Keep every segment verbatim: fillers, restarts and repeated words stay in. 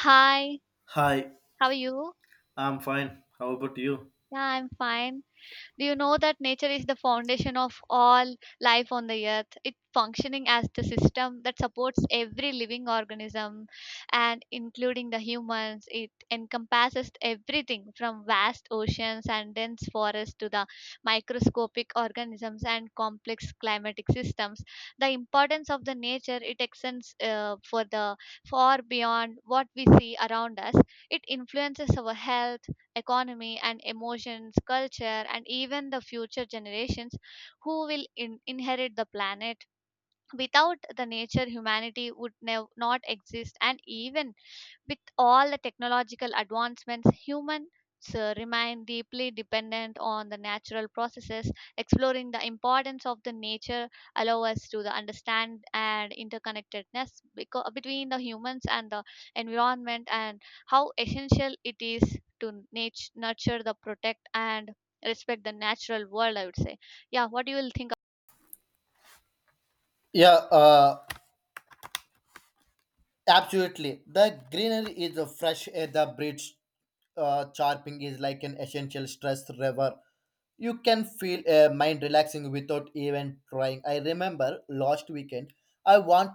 Hi, Hi, how are you? I'm fine. How about you? Yeah, I'm fine. Do you know that nature is the foundation of all life on the earth? It functioning as the system that supports every living organism and including the humans. It encompasses everything from vast oceans and dense forests to the microscopic organisms and complex climatic systems. The importance of the nature it extends uh, for the far beyond what we see around us. It influences our health economy and emotions, culture, and even the future generations who will in- inherit the planet. Without the nature, humanity would nev- not exist, and even with all the technological advancements, humans uh, remain deeply dependent on the natural processes. Exploring the importance of the nature allow us to the understand and interconnectedness beco- between the humans and the environment and how essential it is to nat- nurture the protect and respect the natural world, I would say. Yeah, what do you will think? Yeah, uh, absolutely. The greenery is a fresh air, the birds uh, chirping is like an essential stress reliever. You can feel a mind relaxing without even trying. I remember last weekend, I went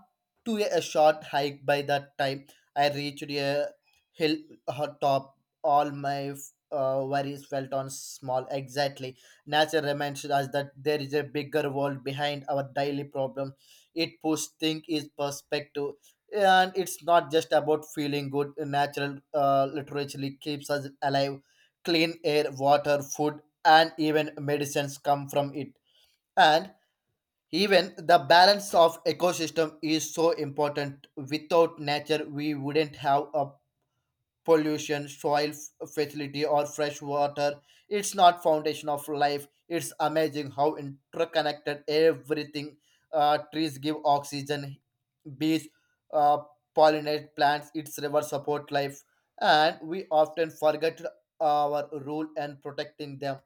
to a, a short hike. By that time, I reached a hill uh, top. All my uh, worries felt on small. Exactly. Nature reminds us that there is a bigger world behind our daily problems. It puts things in perspective, and it's not just about feeling good. Natural, uh, literature keeps us alive, clean air, water, food, and even medicines come from it. And even the balance of ecosystem is so important. Without nature, we wouldn't have a pollution soil f- fertility or fresh water. It's not foundation of life. It's amazing how interconnected everything. Uh, trees give oxygen. Bees uh, pollinate plants, its rivers support life, and we often forget our role in protecting them.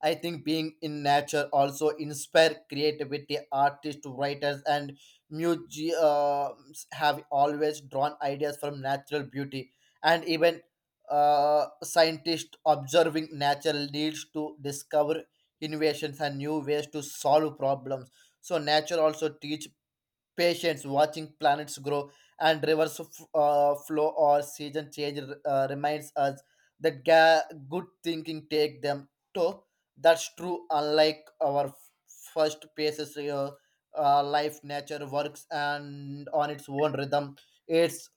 I think being in nature also inspire creativity. Artists, writers, and museums have always drawn ideas from natural beauty, and even uh, scientists observing nature leads to discover innovations and new ways to solve problems. So nature also teach patience, watching planets grow and rivers f- uh, flow or season change uh, reminds us that ga- good thinking take them to. That's true. Unlike our f- first paces, uh, uh, life nature works and on its own rhythm. It's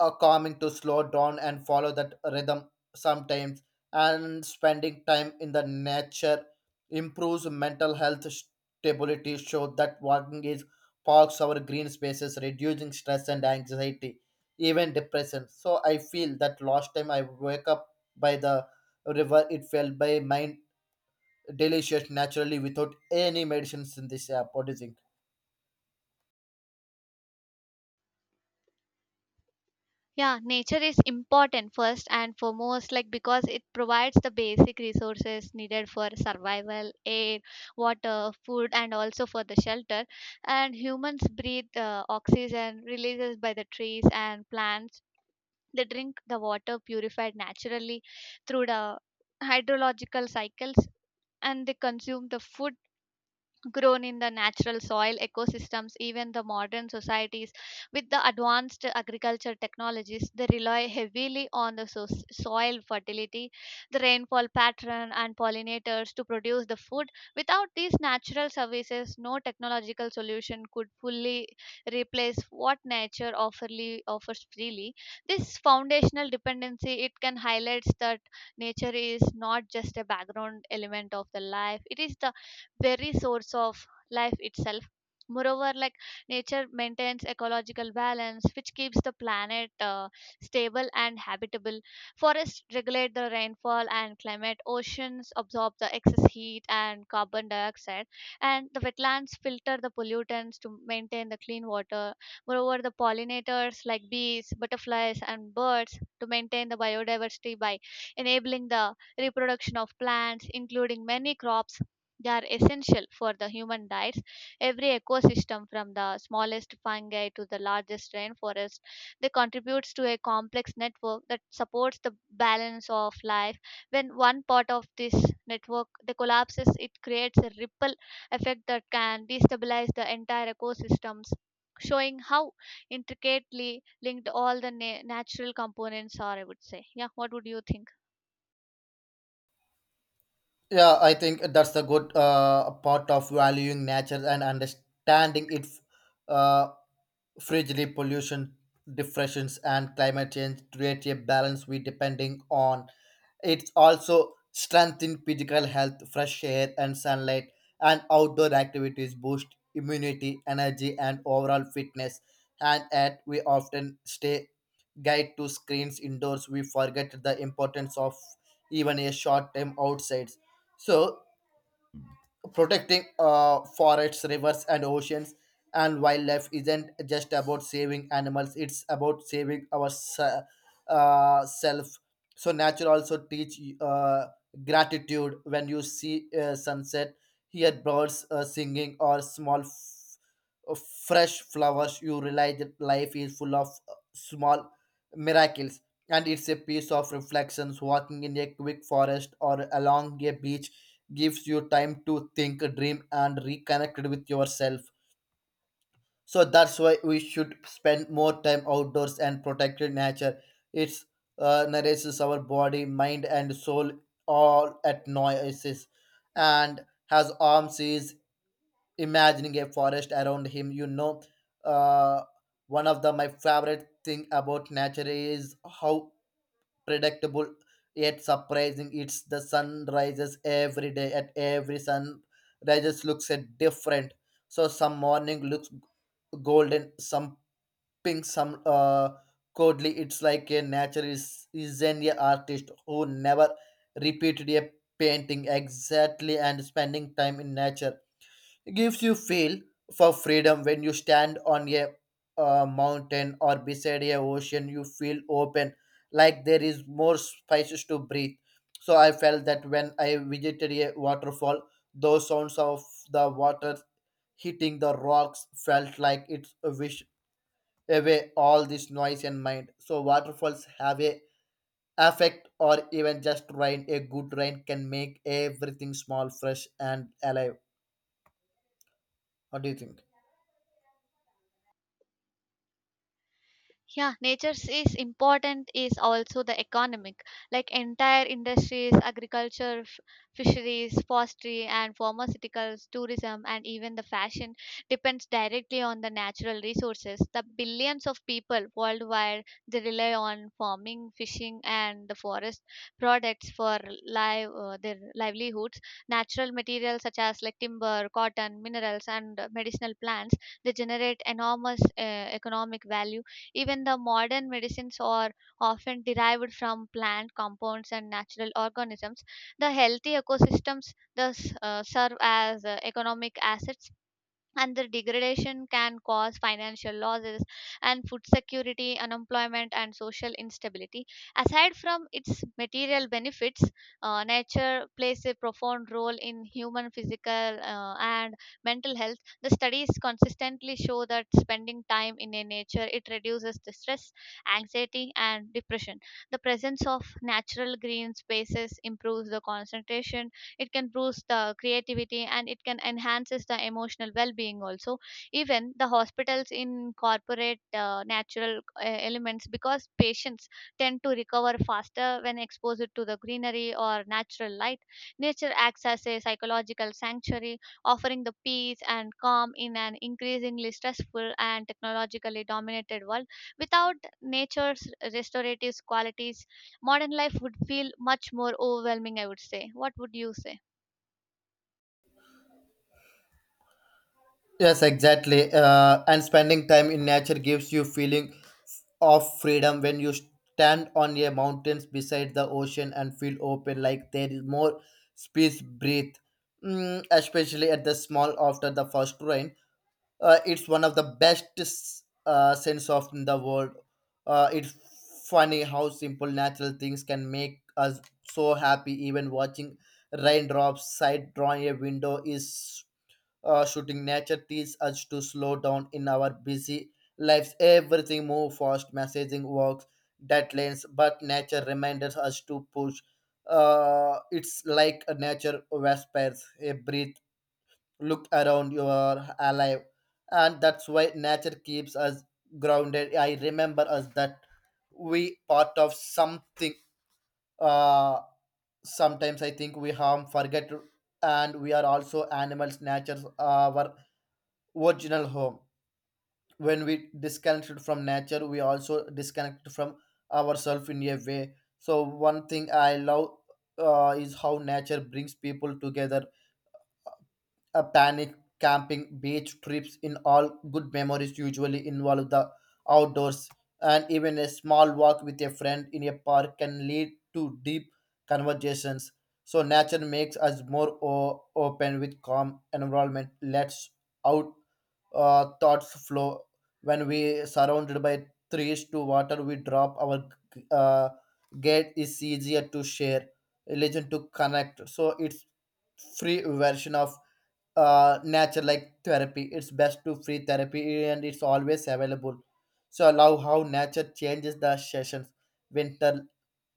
uh, calming to slow down and follow that rhythm sometimes. And spending time in the nature improves mental health stability, show that walking is parks our green spaces reducing stress and anxiety, even depression. So I feel that last time I wake up by the river, it felt by mind delicious naturally without any medicines in this app. What do you think? Yeah, nature is important first and foremost, like because it provides the basic resources needed for survival, air, water, food, and also for the shelter. And humans breathe uh, oxygen releases by the trees and plants. They drink the water purified naturally through the hydrological cycles and they consume the food grown in the natural soil ecosystems, even the modern societies with the advanced agriculture technologies they rely heavily on the so- soil fertility, the rainfall pattern and pollinators to produce the food without these natural services. No technological solution could fully replace what nature offerly, offers freely. This foundational dependency it can highlights that nature is not just a background element of the life, it is the very source of life itself. Moreover, like nature maintains ecological balance which keeps the planet uh, stable and habitable. Forests regulate the rainfall and climate, oceans absorb the excess heat and carbon dioxide, and the wetlands filter the pollutants to maintain the clean water. Moreover, the pollinators like bees, butterflies and birds to maintain the biodiversity by enabling the reproduction of plants including many crops, they are essential for the human diets. Every ecosystem, from the smallest fungi to the largest rainforest, they contributes to a complex network that supports the balance of life. When one part of this network they collapses, it creates a ripple effect that can destabilize the entire ecosystems, showing how intricately linked all the na- natural components are. I would say, yeah. What would you think? Yeah, I think that's the good uh, part of valuing nature and understanding its. Uh, Frigidly pollution, depressions, and climate change create a balance we depending on. It's also strengthen physical health, fresh air, and sunlight, and outdoor activities boost immunity, energy, and overall fitness. And yet, we often stay guide to screens indoors. We forget the importance of even a short time outside. So protecting uh, forests, rivers, and oceans and wildlife isn't just about saving animals; it's about saving our se- uh, self. So nature also teach uh, gratitude when you see uh, sunset, hear birds uh, singing, or small f- uh, fresh flowers. You realize that life is full of uh, small miracles. And it's a piece of reflections walking in a quick forest or along a beach gives you time to think, dream, and reconnect with yourself. So that's why we should spend more time outdoors and protect nature. It's uh, nourishes our body, mind, and soul all at noises, and has arms is imagining a forest around him. You know, uh, One of the my favorite thing about nature is how predictable yet surprising. It's the sun rises every day. At every sun rises looks at different. So some morning looks golden, some pink, some uh coldly. It's like a nature is is an artist who never repeated a painting exactly. And spending time in nature gives you feel for freedom. When you stand on a, uh mountain or beside a ocean, you feel open like there is more spaces to breathe. So I felt that when I visited a waterfall, those sounds of the water hitting the rocks felt like it wish away all this noise and mind. So waterfalls have a affect, or even just rain. A good rain can make everything small, fresh, and alive. What do you think? Yeah, nature is important is also the economic, like entire industries, agriculture, f- fisheries, forestry and pharmaceuticals, tourism and even the fashion depends directly on the natural resources. The billions of people worldwide they rely on farming, fishing and the forest products for live uh, their livelihoods. Natural materials such as like timber, cotton, minerals and medicinal plants, they generate enormous uh, economic value. Even the modern medicines are often derived from plant compounds and natural organisms. The healthy ecosystems thus uh, serve as uh, economic assets, and the degradation can cause financial losses and food security, unemployment, and social instability. Aside from its material benefits, uh, nature plays a profound role in human physical uh, and mental health. The studies consistently show that spending time in a nature it reduces the stress, anxiety, and depression. The presence of natural green spaces improves the concentration, it can boost the creativity and it can enhances the emotional well-being also. Even the hospitals incorporate uh, natural uh, elements because patients tend to recover faster when exposed to the greenery or natural light. Nature acts as a psychological sanctuary, offering the peace and calm in an increasingly stressful and technologically dominated world. Without nature's restorative qualities, modern life would feel much more overwhelming, I would say. What would you say? Yes, exactly. Uh, and spending time in nature gives you feeling of freedom when you stand on a mountains beside the ocean and feel open like there is more space breathe. Mm, especially at the small after the first rain, uh, it's one of the best s- uh, sense of in the world. Uh, it's funny how simple natural things can make us so happy. Even watching raindrops side drawing a window is uh, shooting nature teaches us to slow down in our busy lives. Everything move fast, messaging works, deadlines, but nature reminds us to push. Uh, it's like a nature whispers a breathe. Look around, you are alive. And that's why nature keeps us grounded. I remember us that we part of something. Uh, sometimes I think we harm forget, and we are also animals. Nature's our original home. When we disconnected from nature, we also disconnect from ourselves in a way. So one thing I love uh, is how nature brings people together. A panic camping, beach trips, in all good memories usually involve the outdoors. And even a small walk with a friend in a park can lead to deep conversations. So nature makes us more o- open with calm environment. Let's out uh, thoughts flow when we surrounded by trees to water. We drop our uh, gate is easier to share religion to connect. So it's free version of uh, nature like therapy. It's best to free therapy and it's always available. So allow how nature changes the sessions. Winter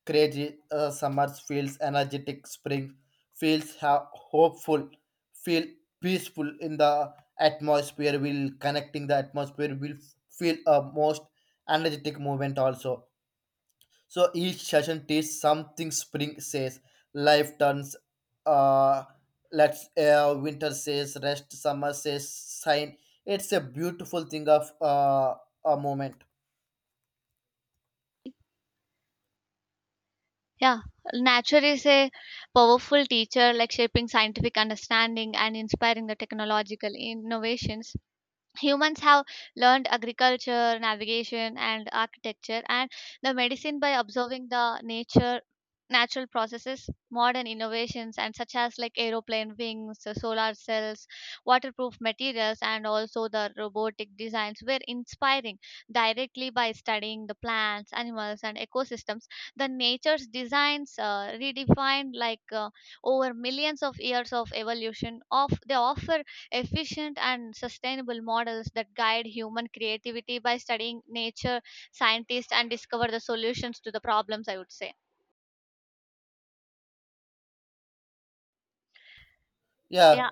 crazy, uh, summers feels energetic. Spring feels ha- hopeful. Feel peaceful in the atmosphere. Will connecting the atmosphere. Will feel a most energetic movement also. So each session teaches something. Spring says, life turns, uh, let's, uh, winter says, rest, summer says, sign. It's a beautiful thing of uh, a moment. Yeah, nature is a powerful teacher, like shaping scientific understanding and inspiring the technological innovations. Humans have learned agriculture, navigation, and architecture, and the medicine by observing the nature, natural processes, modern innovations, and such as like aeroplane wings, uh, solar cells, waterproof materials, and also the robotic designs were inspiring directly by studying the plants, animals, and ecosystems. The nature's designs uh, redefined like uh, over millions of years of evolution. Of they offer efficient and sustainable models that guide human creativity. By studying nature, scientists and discover the solutions to the problems, I would say. Yeah, Yeah,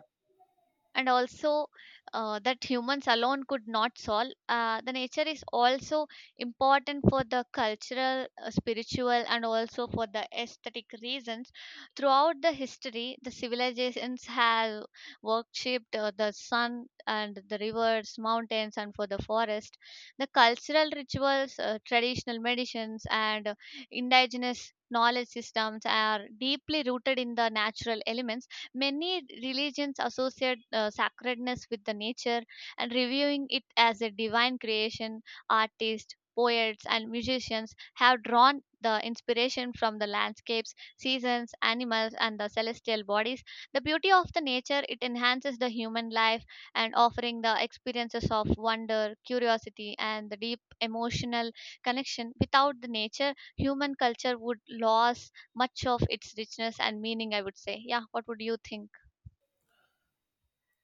and also uh, that humans alone could not solve. Uh, the nature is also important for the cultural, uh, spiritual, and also for the aesthetic reasons. Throughout the history, the civilizations have worshipped uh, the sun and the rivers, mountains, and for the forest. The cultural rituals, uh, traditional medicines, and uh, indigenous knowledge systems are deeply rooted in the natural elements. Many religions associate uh, sacredness with the nature and reviewing it as a divine creation. Artists, poets, and musicians have drawn the inspiration from the landscapes, seasons, animals, and the celestial bodies. The beauty of the nature it enhances the human life and offering the experiences of wonder, curiosity, and the deep emotional connection. Without the nature, human culture would lose much of its richness and meaning, I would say. Yeah, what would you think?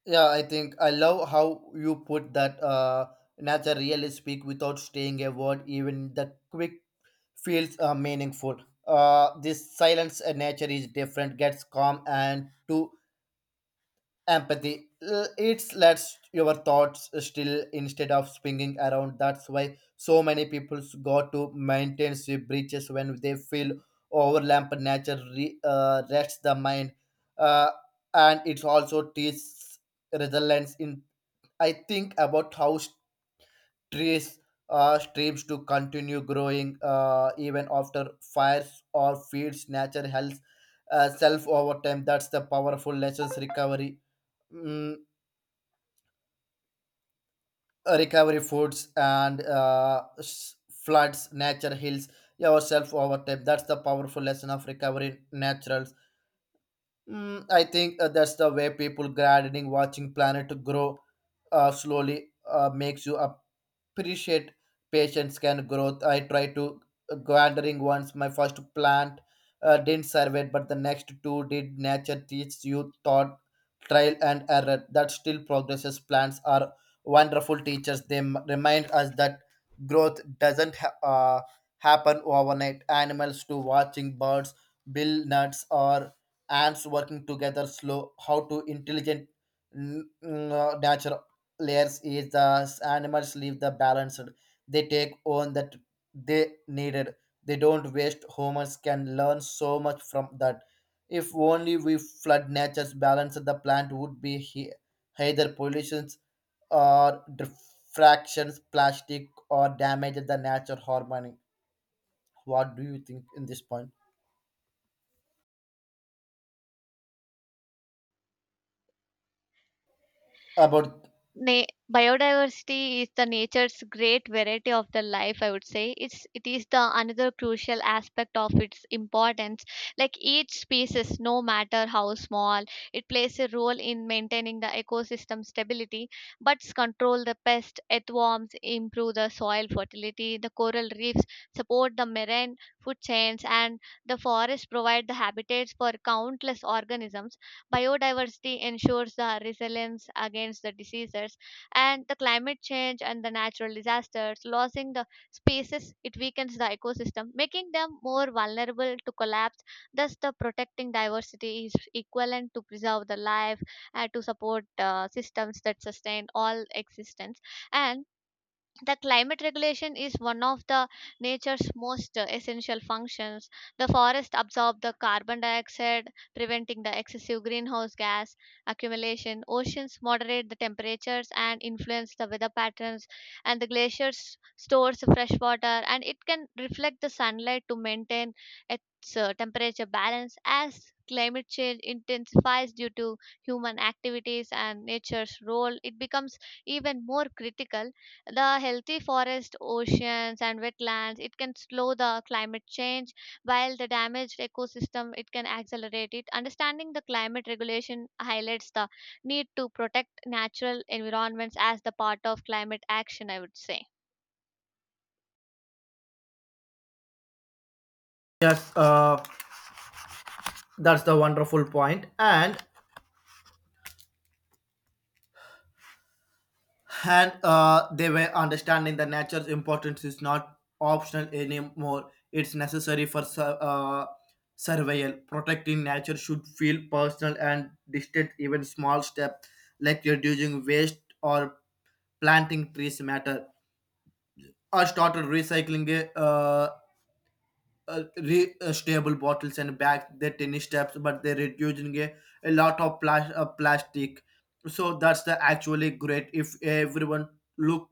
yeah, I think I love how you put that. Uh, nature really speak without saying a word, even the quick feels uh, meaningful. Uh, this silence uh, nature is different, gets calm and to empathy L- it lets your thoughts still instead of swinging around. That's why so many people go to mountains with breaches when they feel overlapped. Nature re, uh, rests the mind. Uh, and it also teaches resilience in. I think about how trees uh, streams to continue growing uh, even after fires or fields. Nature helps uh, self over time. That's the powerful lessons recovery. Mm, uh, Recovery foods and uh, s- floods nature heals yourself over time. That's the powerful lesson of recovery natural. Mm, I think uh, that's the way people gardening, watching planet grow uh, slowly uh, makes you appreciate patience can growth. I try to uh, gardening once. My first plant uh, didn't survive, but the next two did. Nature teaches you thought, trial and error. That still progresses. Plants are wonderful teachers. They m- remind us that growth doesn't ha- uh, happen overnight. Animals to watching birds, bill nuts or ants working together slow how to intelligent. Mm, uh, natural layers is the animals leave the balanced. They take on that they needed. They don't waste. Humans can learn so much from that. If only we flood nature's balance, the plant would be he- either pollutions or diffractions plastic or damage the natural harmony. What do you think in this point about? Na- Biodiversity is the nature's great variety of the life, I would say. It's it is the another crucial aspect of its importance. Like each species, no matter how small, it plays a role in maintaining the ecosystem stability. Bugs control the pest, earthworms improve the soil fertility, the coral reefs support the marine food chains and the forests provide the habitats for countless organisms. Biodiversity ensures the resilience against the diseases and the climate change and the natural disasters. Losing the species, it weakens the ecosystem, making them more vulnerable to collapse. Thus, the protecting diversity is equivalent to preserve the life and to support uh, systems that sustain all existence. And the climate regulation is one of the nature's most uh, essential functions. The forest absorb the carbon dioxide, preventing the excessive greenhouse gas accumulation. Oceans moderate the temperatures and influence the weather patterns, and the glaciers stores fresh water and it can reflect the sunlight to maintain its uh, temperature balance. As climate change intensifies due to human activities and nature's role, it becomes even more critical. The healthy forest, oceans, and wetlands, it can slow the climate change, while the damaged ecosystem, it can accelerate it. Understanding the climate regulation highlights the need to protect natural environments as the part of climate action, I would say. Yes, uh, that's the wonderful point. And and uh, they were understanding the nature's importance is not optional anymore. It's necessary for su- uh, survival. Protecting nature should feel personal and distant. Even small steps like reducing waste or planting trees matter. I started recycling uh, uh, re- uh, stable bottles and bags, their tennis steps, but they're reducing a, a lot of plas- uh, plastic. So that's the actually great if everyone look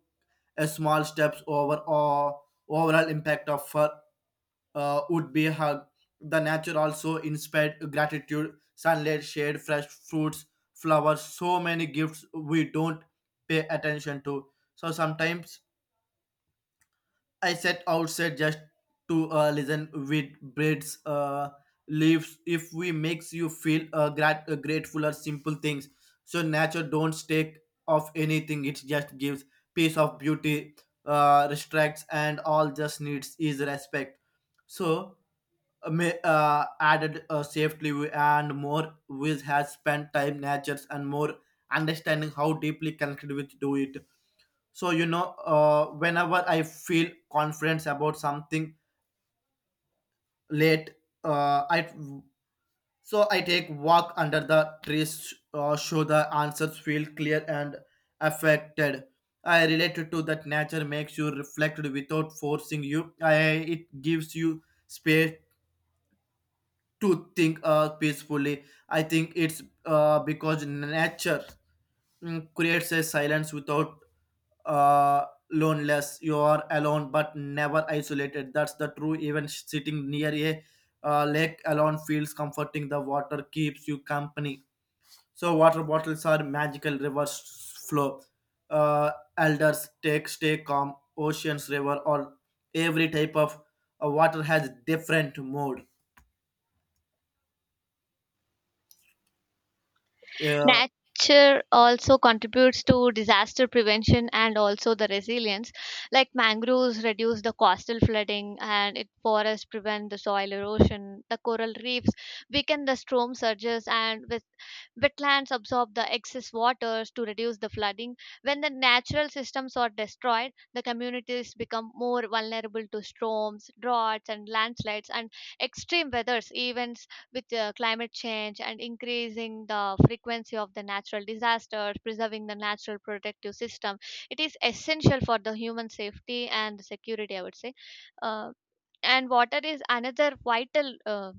a small steps over or overall impact of fur uh, would be hug. The nature also inspired gratitude, sunlight, shade, fresh fruits, flowers, so many gifts we don't pay attention to. So sometimes I sat outside just to uh, listen with birds, uh, leaves. If we makes you feel uh, grat- uh, grateful or simple things, so nature don't take off anything. It just gives piece of beauty, uh, restricts, and all just needs is respect. So uh, may, uh, added uh, safely we- and more with has spent time natures and more understanding how deeply connected with do it. So you know uh, whenever I feel confidence about something late, uh, i so i take walk under the trees, uh, show the answers feel clear and affected. I related to that nature makes you reflected without forcing you. I, it gives you space to think uh, peacefully. I think it's uh, because nature mm, creates a silence without uh, loneliness. You are alone but never isolated. That's the true. Even sitting near a uh, lake alone feels comforting. The water keeps you company. So water bottles are magical rivers flow. Uh, Elders take stay calm. Oceans, river, or every type of uh, water has different mode. Nature also contributes to disaster prevention and also the resilience. Like mangroves reduce the coastal flooding and it forests prevent the soil erosion. The coral reefs weaken the storm surges and with wetlands absorb the excess waters to reduce the flooding. When the natural systems are destroyed, the communities become more vulnerable to storms, droughts, and landslides and extreme weather events. With uh, climate change and increasing the frequency of the natural disasters, preserving the natural protective system, it is essential for the human safety and security, I would say. Uh, and water is another vital uh,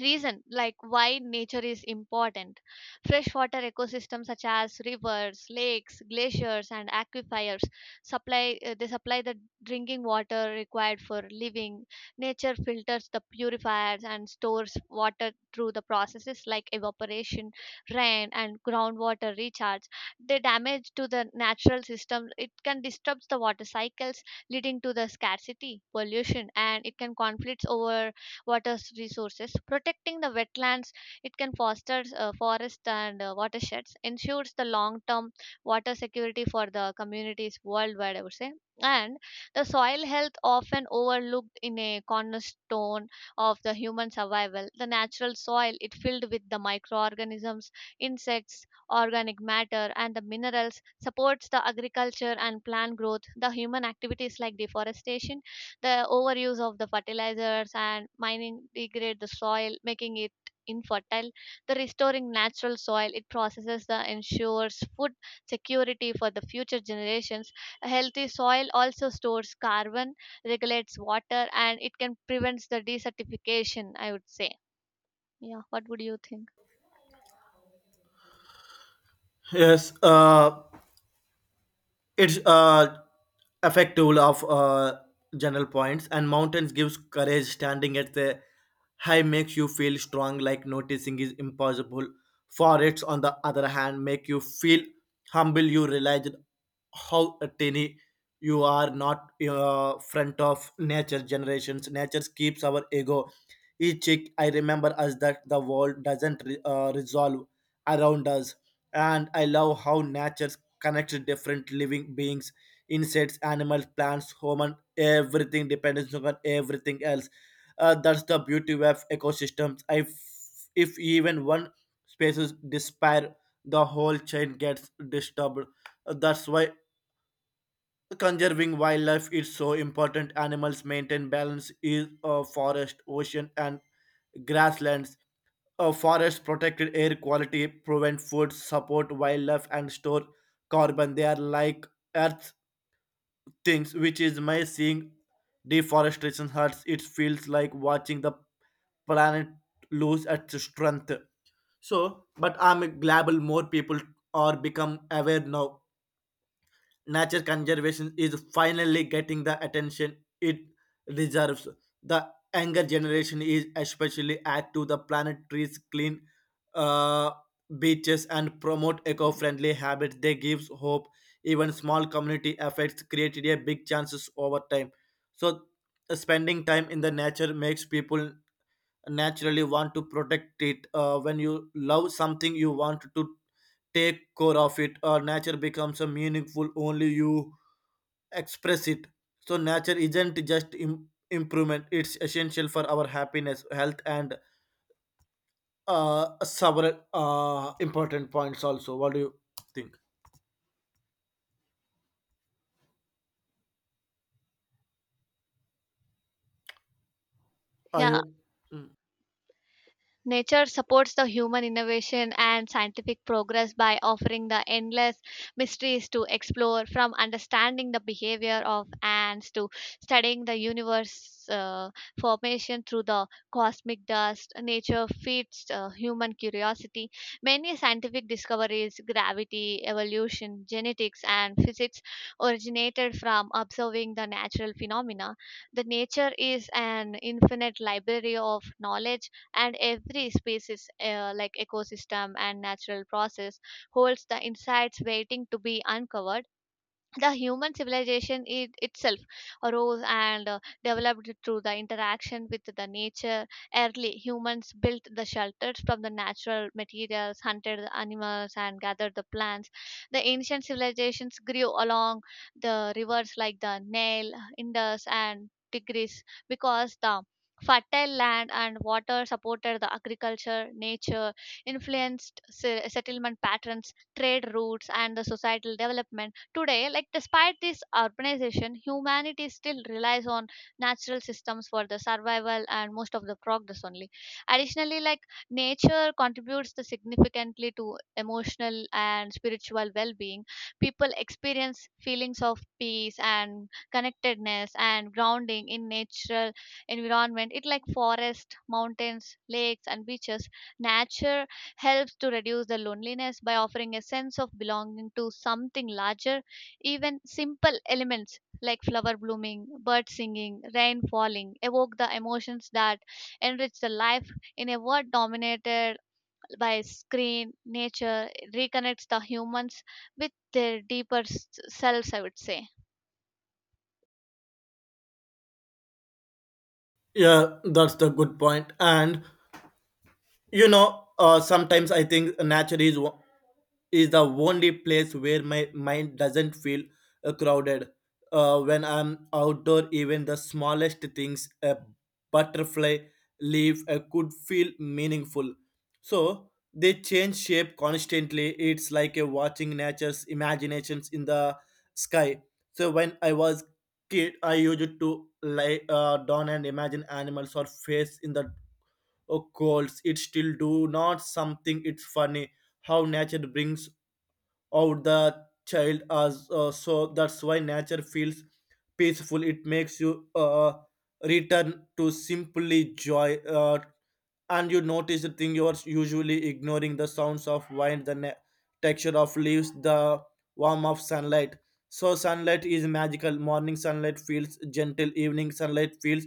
reason like why nature is important. Freshwater ecosystems such as rivers, lakes, glaciers and aquifers supply uh, they supply the drinking water required for living. Nature filters the purifiers and stores water through the processes like evaporation, rain and groundwater recharge. The damage to the natural system it can disrupt the water cycles, leading to the scarcity, pollution and it can conflicts over water resources. Protecting the wetlands, it can foster uh, forests and uh, watersheds, ensures the long-term water security for the communities worldwide, I would say. And the soil health often overlooked in a cornerstone of the human survival. The natural soil it filled with the microorganisms, insects, organic matter, and the minerals supports the agriculture and plant growth. The human activities like deforestation, the overuse of the fertilizers and mining degrade the soil, making it infertile. The restoring natural soil, it processes the ensures food security for the future generations. A healthy soil also stores carbon, regulates water, and it can prevent the desertification, I would say. Yeah, what would you think? Yes, uh, it's uh, effective of uh, general points. And mountains gives courage. Standing at the high makes you feel strong, like noticing is impossible. Forests on the other hand make you feel humble. You realize how tiny you are, not uh, front of nature generations. Nature keeps our ego each chick. I remember us that the world doesn't re- uh, resolve around us. And I love how nature connects different living beings. Insects, animals, plants, human, everything depends on everything else. Uh, that's the beauty of ecosystems. If if even one species disappear, the whole chain gets disturbed. Uh, That's why conserving wildlife is so important. Animals maintain balance in uh, forest, ocean, and grasslands. Uh, forests protect air quality, prevent food, support wildlife, and store carbon. They are like Earth's things. Which is my seeing deforestation hurts. It feels like watching the planet lose its strength. So but I'm glad more people are become aware now. Nature conservation is finally getting the attention it deserves. The younger generation is especially add to the planet trees, clean uh, beaches, and promote eco-friendly habits. They gives hope. Even small community efforts created a big chances over time. So, spending time in the nature makes people naturally want to protect it. Uh, when you love something, you want to take care of it. Uh, nature becomes a meaningful only you express it. So nature isn't just Im- improvement, it's essential for our happiness, health, and uh, several uh, important points also. What do you think? Are Yeah, you? nature supports the human innovation and scientific progress by offering the endless mysteries to explore, from understanding the behavior of ants to studying the universe uh, formation through the cosmic dust. Nature feeds uh, human curiosity. Many scientific discoveries, gravity, evolution, genetics, and physics, originated from observing the natural phenomena. The nature is an infinite library of knowledge and every species uh, like ecosystem and natural process holds the insights waiting to be uncovered. The human civilization it, itself arose and uh, developed through the interaction with the nature. Early humans built the shelters from the natural materials, hunted the animals and gathered the plants. The ancient civilizations grew along the rivers like the Nile, Indus and Tigris, because the fertile land and water supported the agriculture. Nature influenced se- settlement patterns, trade routes and the societal development. Today, like despite this urbanization, humanity still relies on natural systems for the survival and most of the progress only. Additionally, like nature contributes the significantly to emotional and spiritual well-being. People experience feelings of peace and connectedness and grounding in natural environment. It like forest, mountains, lakes, and beaches. Nature helps to reduce the loneliness by offering a sense of belonging to something larger. Even simple elements like flower blooming, bird singing, rain falling evoke the emotions that enrich the life in a world dominated by screen. Nature reconnects the humans with their deeper s- selves, I would say. Yeah, that's the good point. And you know, uh, sometimes I think nature is wo- is the only place where my mind doesn't feel uh, crowded. Uh, when I'm outdoor, even the smallest things, a butterfly, leaf, uh, could feel meaningful. So they change shape constantly. It's like a watching nature's imaginations in the sky. So when I was kid, I used to lie uh, down and imagine animals or face in the or calls it still do not something. It's funny how nature brings out the child as. Uh, so that's why nature feels peaceful. It makes you uh, return to simply joy. Uh, and you notice the thing you're usually ignoring, the sounds of wind, the na- texture of leaves, the warmth of sunlight. So sunlight is magical. Morning sunlight feels gentle, evening sunlight feels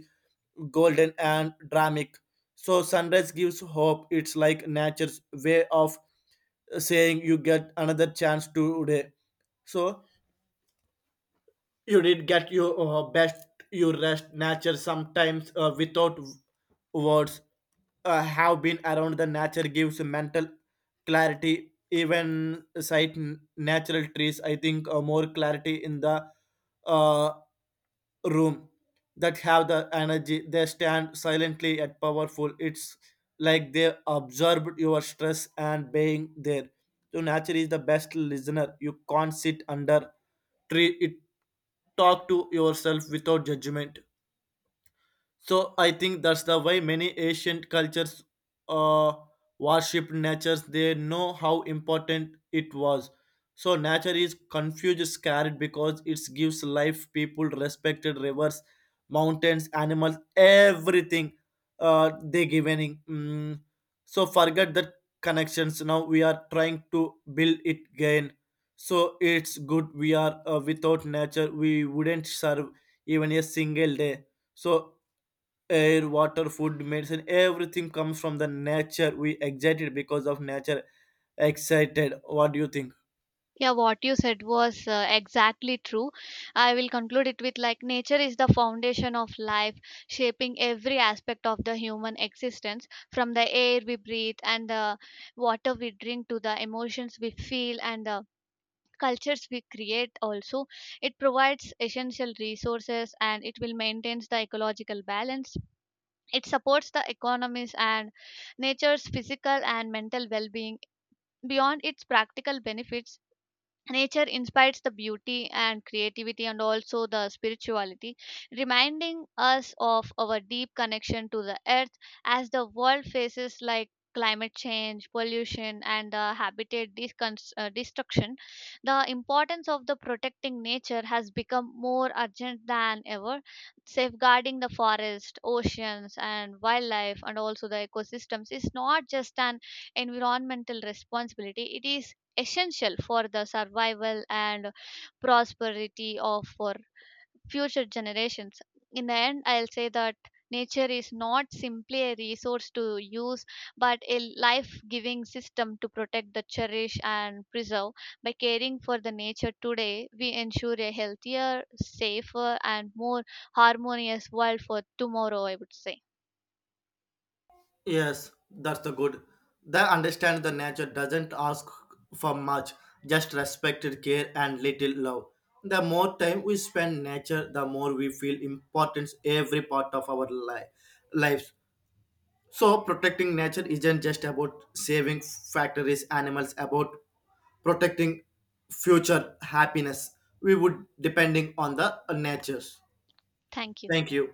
golden and dramatic. So sunrise gives hope. It's like nature's way of saying you get another chance today. So you did get your uh, best. You rest nature sometimes uh, without w- words. Uh, have been around the nature gives mental clarity. Even sight n- natural trees, I think, uh, more clarity in the uh, room that have the energy. They stand silently at powerful. It's like they absorbed your stress and being there. So nature is the best listener. You can't sit under tree, it talk to yourself without judgment. So I think that's the way many ancient cultures uh, worshipped nature. They know how important it was. So nature is confused, scared because it gives life, people, respected rivers, mountains, animals, everything uh, they giving. Mm. So forget the connections. Now we are trying to build it again. So it's good we are uh, without nature. We wouldn't serve even a single day. So air, water, food, medicine, everything comes from the nature. We excited because of nature excited. What do you think? Yeah, what you said was uh, exactly true. I will conclude it with like nature is the foundation of life, shaping every aspect of the human existence, from the air we breathe and the water we drink to the emotions we feel and the cultures we create. Also it provides essential resources and it will maintains the ecological balance, it supports the economies and nature's physical and mental well-being. Beyond its practical benefits, nature inspires the beauty and creativity and also the spirituality, reminding us of our deep connection to the earth. As the world faces like climate change, pollution, and uh, habitat discons- uh, destruction. The importance of the protecting nature has become more urgent than ever, safeguarding the forest, oceans, and wildlife, and also the ecosystems is not just an environmental responsibility; it is essential for the survival and prosperity of for future generations. In the end, I'll say that nature is not simply a resource to use but a life giving system to protect the cherish and preserve. By caring for the nature today, we ensure a healthier, safer and more harmonious world for tomorrow, I would say. Yes, that's the good. They understand the nature doesn't ask for much, just respected care and little love. The more time we spend nature, the more we feel importance every part of our life lives. So protecting nature isn't just about saving factories, animals, about protecting future happiness. We would depending on the natures. Thank you. Thank you.